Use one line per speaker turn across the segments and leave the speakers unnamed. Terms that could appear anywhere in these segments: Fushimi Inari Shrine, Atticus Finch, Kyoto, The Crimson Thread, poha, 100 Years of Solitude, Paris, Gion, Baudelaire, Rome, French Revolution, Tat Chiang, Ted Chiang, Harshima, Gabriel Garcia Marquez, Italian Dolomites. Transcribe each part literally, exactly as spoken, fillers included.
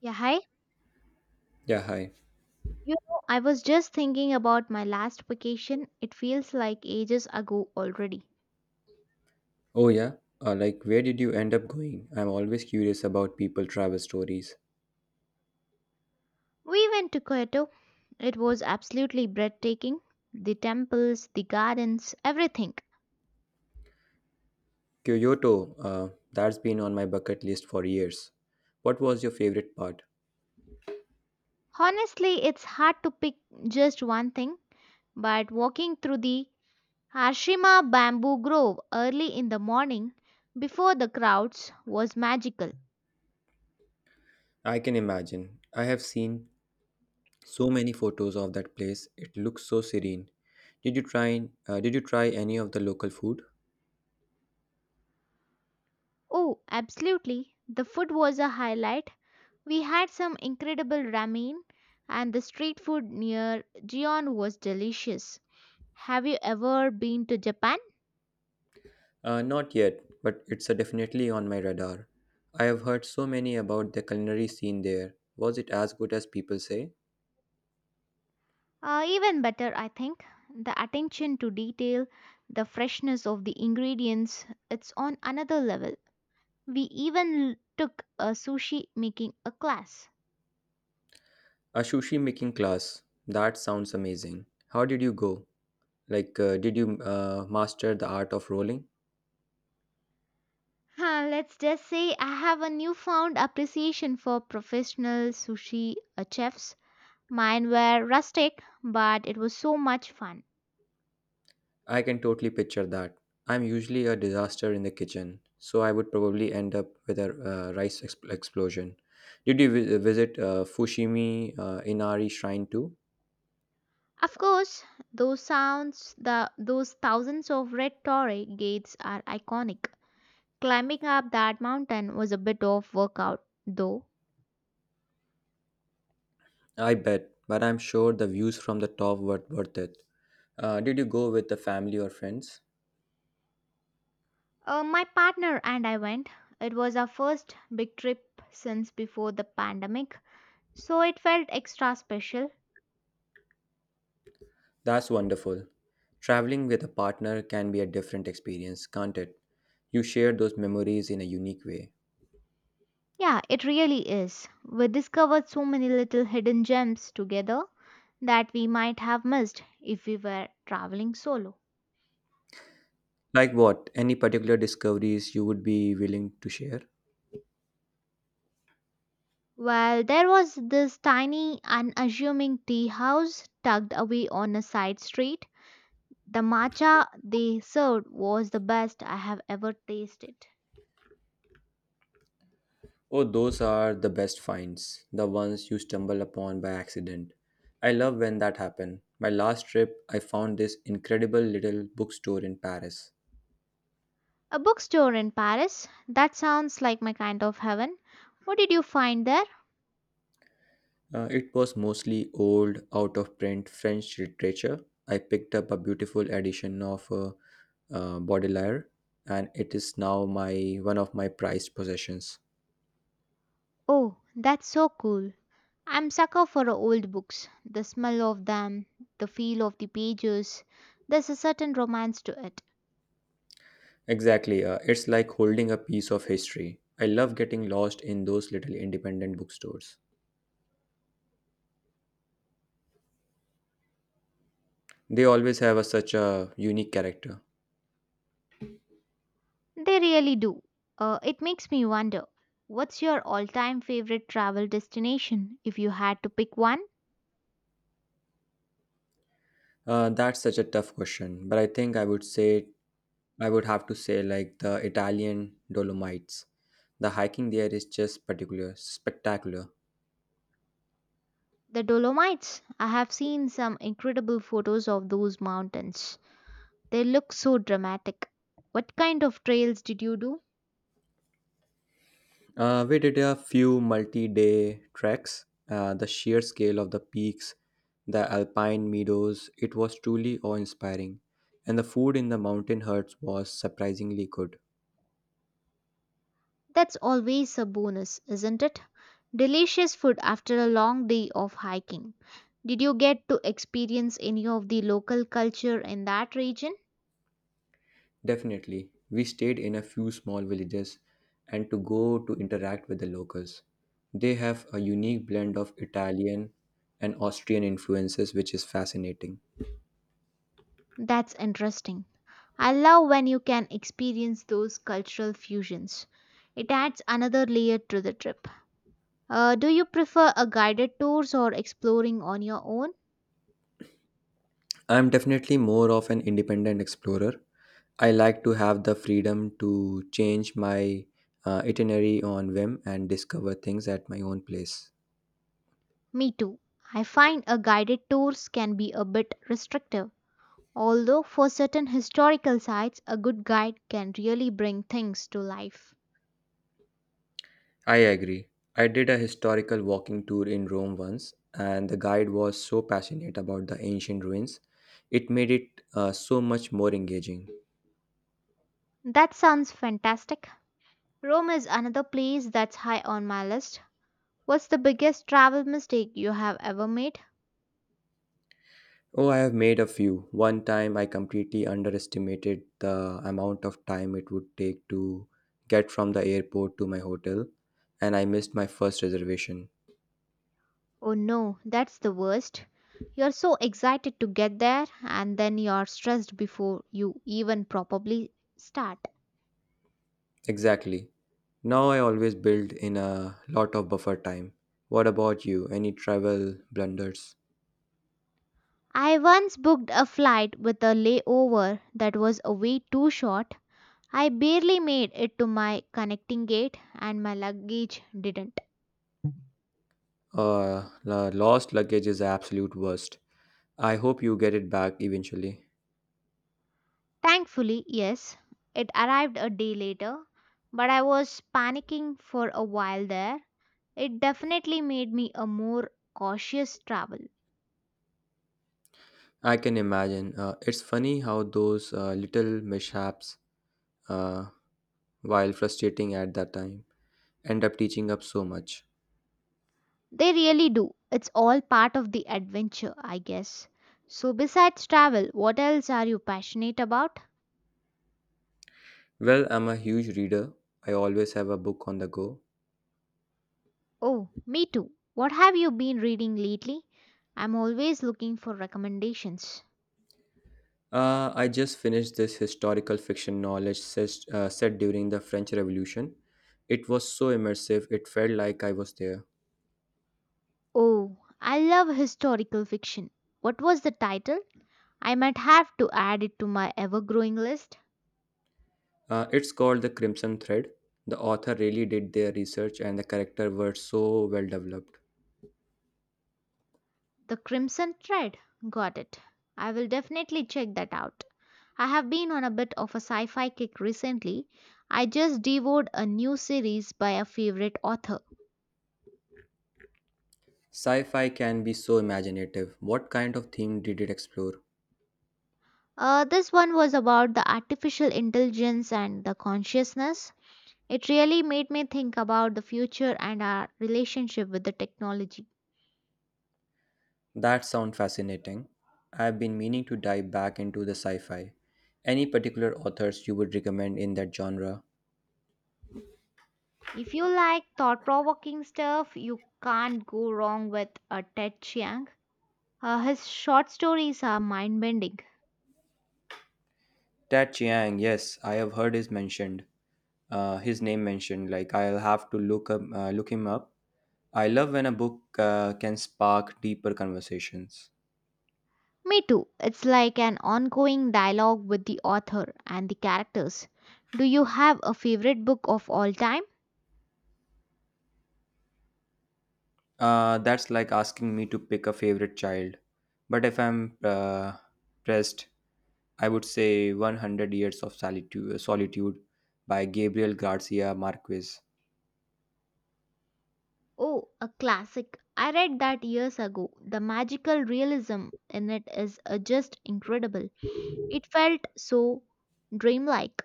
Yeah, hi.
Yeah, hi.
You know, I was just thinking about my last vacation. It feels like ages ago already.
Oh, yeah. Uh, like, where did you end up going? I'm always curious about people travel stories.
We went to Kyoto. It was absolutely breathtaking. The temples, the gardens, everything.
Kyoto, uh, that's been on my bucket list for years. What was your favorite part?
Honestly, it's hard to pick just one thing, but walking through the Harshima bamboo grove early in the morning before the crowds was magical.
I can imagine. I have seen so many photos of that place. It looks so serene. Did you try? Uh, did you try any of the local food?
Oh, absolutely. The food was a highlight. We had some incredible ramen, and the street food near Gion was delicious. Have you ever been to Japan?
Uh, not yet, but it's uh, definitely on my radar. I have heard so many about the culinary scene there. Was it as good as people say?
Uh, even better, I think. The attention to detail, the freshness of the ingredients, it's on another level. We even l- took a sushi making a class.
A sushi making class. That sounds amazing. How did you go? Like, uh, did you uh, master the art of rolling?
Huh, let's just say I have a newfound appreciation for professional sushi uh, chefs. Mine were rustic, but it was so much fun.
I can totally picture that. I'm usually a disaster in the kitchen, so I would probably end up with a uh, rice ex- explosion. Did you vi- visit uh, Fushimi uh, Inari Shrine too?
Of course, those sounds, the those thousands of red torre gates are iconic. Climbing up that mountain was a bit of workout, though.
I bet, but I'm sure the views from the top were worth it. Uh, did you go with the family or friends?
Uh, my partner and I went. It was our first big trip since before the pandemic, so it felt extra special.
That's wonderful. Traveling with a partner can be a different experience, can't it? You share those memories in a unique way.
Yeah, it really is. We discovered so many little hidden gems together that we might have missed if we were traveling solo.
Like what? Any particular discoveries you would be willing to share?
Well, there was this tiny, unassuming tea house tucked away on a side street. The matcha they served was the best I have ever tasted.
Oh, those are the best finds, the ones you stumble upon by accident. I love when that happens. My last trip, I found this incredible little bookstore in Paris.
A bookstore in Paris? That sounds like my kind of heaven. What did you find there?
Uh, it was mostly old, out of print French literature. I picked up a beautiful edition of uh, uh, Baudelaire, and it is now my one of my prized possessions.
Oh, that's so cool. I'm sucker for old books. The smell of them, the feel of the pages. There's a certain romance to it.
Exactly, uh, it's like holding a piece of history. I love getting lost in those little independent bookstores. They always have a, such a unique character.
They really do. Uh, it makes me wonder what's your all time favorite travel destination if you had to pick one?
Uh, that's such a tough question, but I think I would say I would have to say like the Italian Dolomites. The hiking there is just particular spectacular.
The Dolomites. I have seen some incredible photos of those mountains. They look so dramatic. What kind of trails did you do?
Uh, we did a few multi day treks. Uh, the sheer scale of the peaks, the alpine meadows, it was truly awe inspiring. And the food in the mountain huts was surprisingly good.
That's always a bonus, isn't it? Delicious food after a long day of hiking. Did you get to experience any of the local culture in that region?
Definitely. We stayed in a few small villages and to go to interact with the locals. They have a unique blend of Italian and Austrian influences, which is fascinating.
That's interesting. I love when you can experience those cultural fusions. It adds another layer to the trip. Uh, do you prefer a guided tours or exploring on your own?
I'm definitely more of an independent explorer, I like to have the freedom to change my uh, itinerary on whim and discover things at my own place.
Me too. I find a guided tours can be a bit restrictive. Although for certain historical sites, a good guide can really bring things to life.
I agree. I did a historical walking tour in Rome once, and the guide was so passionate about the ancient ruins. It made it uh, so much more engaging.
That sounds fantastic. Rome is another place that's high on my list. What's the biggest travel mistake you have ever made?
Oh, I have made a few. One time I completely underestimated the amount of time it would take to get from the airport to my hotel, and I missed my first reservation.
Oh no, that's the worst. You're so excited to get there and then you're stressed before you even probably start.
Exactly. Now I always build in a lot of buffer time. What about you? Any travel blunders?
I once booked a flight with a layover that was way too short. I barely made it to my connecting gate and my luggage didn't.
Uh, la- lost luggage is the absolute worst. I hope you get it back eventually.
Thankfully, yes, it arrived a day later, but I was panicking for a while there. It definitely made me a more cautious travel.
I can imagine. Uh, it's funny how those uh, little mishaps, uh, while frustrating at that time, end up teaching up so much.
They really do. It's all part of the adventure, I guess. So, besides travel, what else are you passionate about?
Well, I'm a huge reader. I always have a book on the go.
Oh, me too. What have you been reading lately? I'm always looking for recommendations.
Uh, I just finished this historical fiction knowledge ses- uh, set during the French Revolution. It was so immersive, it felt like I was there.
Oh, I love historical fiction. What was the title? I might have to add it to my ever growing list.
Uh, it's called The Crimson Thread. The author really did their research, and the characters were so well developed.
The Crimson Thread? Got it. I will definitely check that out. I have been on a bit of a sci fi kick recently. I just devoured a new series by a favorite author.
Sci fi can be so imaginative. What kind of theme did it explore?
Uh, this one was about the artificial intelligence and the consciousness. It really made me think about the future and our relationship with the technology.
That sounds fascinating. I've been meaning to dive back into the sci fi. Any particular authors you would recommend in that genre?
If you like thought provoking stuff, you can't go wrong with a Ted Chiang. Uh, his short stories are mind bending.
Tat Chiang, yes, I have heard his mentioned. Uh, his name mentioned. Like I'll have to look up, uh, look him up. I love when a book uh, can spark deeper conversations.
Me too. It's like an ongoing dialogue with the author and the characters. Do you have a favorite book of all time?
Uh, that's like asking me to pick a favorite child. But if I'm uh, pressed, I would say one hundred Years of Solitude, Solitude by Gabriel Garcia Marquez.
Oh, a classic. I read that years ago. The magical realism in it is uh, just incredible. It felt so dreamlike.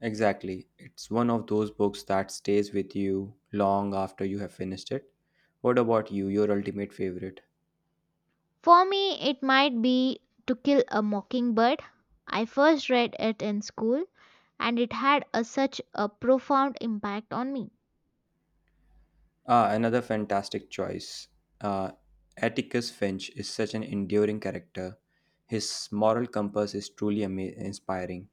Exactly. It's one of those books that stays with you long after you have finished it. What about you, your ultimate favorite?
For me, it might be To Kill a Mockingbird. I first read it in school and it had a, such a profound impact on me.
Ah, another fantastic choice. Uh, Atticus Finch is such an enduring character. His moral compass is truly ama- inspiring.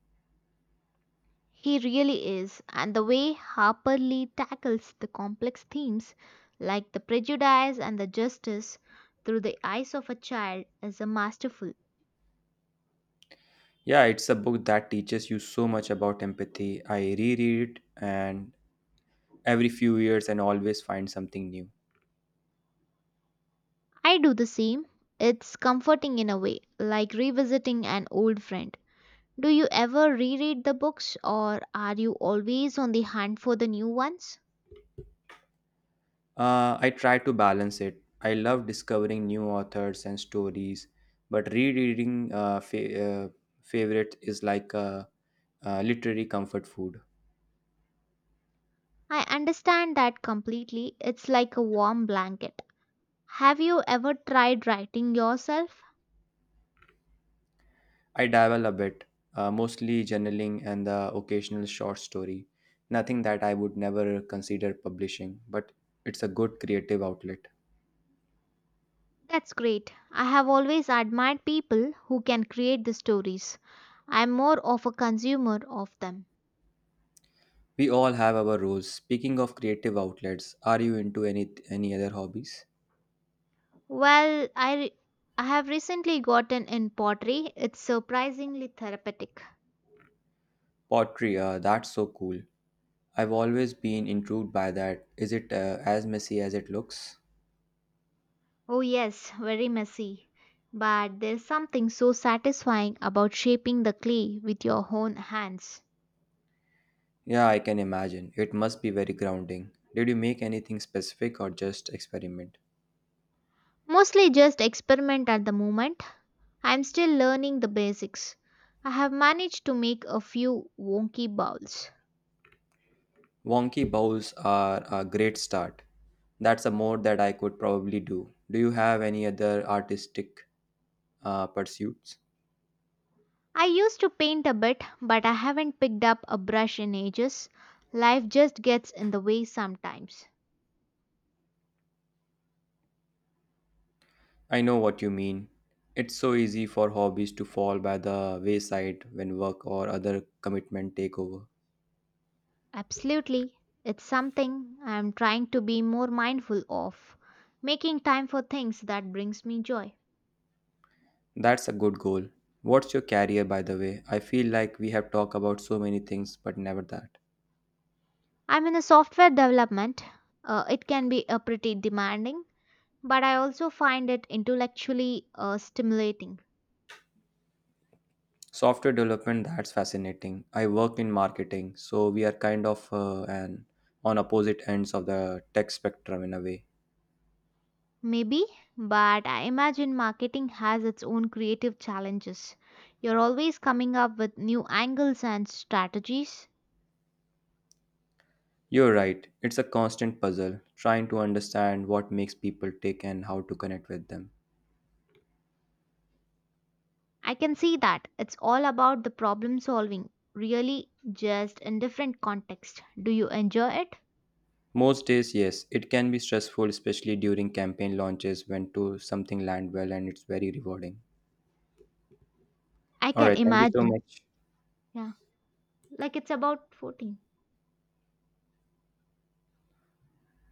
He really is, and the way Harper Lee tackles the complex themes like the prejudice and the justice through the eyes of a child is a masterful.
Yeah, it's a book that teaches you so much about empathy. I reread it and every few years and always find something new.
I do the same. It's comforting in a way, like revisiting an old friend. Do you ever reread the books or are you always on the hunt for the new ones?
Uh, I try to balance it. I love discovering new authors and stories, but rereading uh, fa- uh, favorite is like a, a literary comfort food.
I understand that completely. It's like a warm blanket. Have you ever tried writing yourself?
I dabble a bit, uh, mostly journaling and the occasional short story. Nothing that I would never consider publishing, but it's a good creative outlet.
That's great. I have always admired people who can create the stories. I'm more of a consumer of them.
We all have our roles. Speaking of creative outlets, are you into any any other hobbies?
Well, I, re- I have recently gotten in pottery. It's surprisingly therapeutic.
Pottery, uh, that's so cool. I've always been intrigued by that. Is it uh, as messy as it looks?
Oh, yes, very messy. But there's something so satisfying about shaping the clay with your own hands.
Yeah, I can imagine. It must be very grounding. Did you make anything specific or just experiment?
Mostly just experiment at the moment. I'm still learning the basics. I have managed to make a few wonky bowls.
Wonky bows are a great start. That's a mode that I could probably do. Do you have any other artistic uh, pursuits?
I used to paint a bit, but I haven't picked up a brush in ages. Life just gets in the way sometimes.
I know what you mean. It's so easy for hobbies to fall by the wayside when work or other commitment take over.
Absolutely. It's something I'm trying to be more mindful of, making time for things that brings me joy.
That's a good goal. What's your career, by the way? I feel like we have talked about so many things, but never that.
I'm in a software development. Uh, it can be a pretty demanding, but I also find it intellectually uh, stimulating.
Software development, that's fascinating. I work in marketing, so we are kind of uh, an on opposite ends of the tech spectrum in a way.
Maybe, but I imagine marketing has its own creative challenges. You're always coming up with new angles and strategies.
You're right. It's a constant puzzle trying to understand what makes people tick and how to connect with them.
I can see that. It's all about the problem solving, really, just in different context. Do you enjoy it?
Most days, yes, it can be stressful, especially during campaign launches when to something land well and it's very rewarding.
I
All
can
right, thank you so
imagine.
much.
Yeah, like it's about fourteen.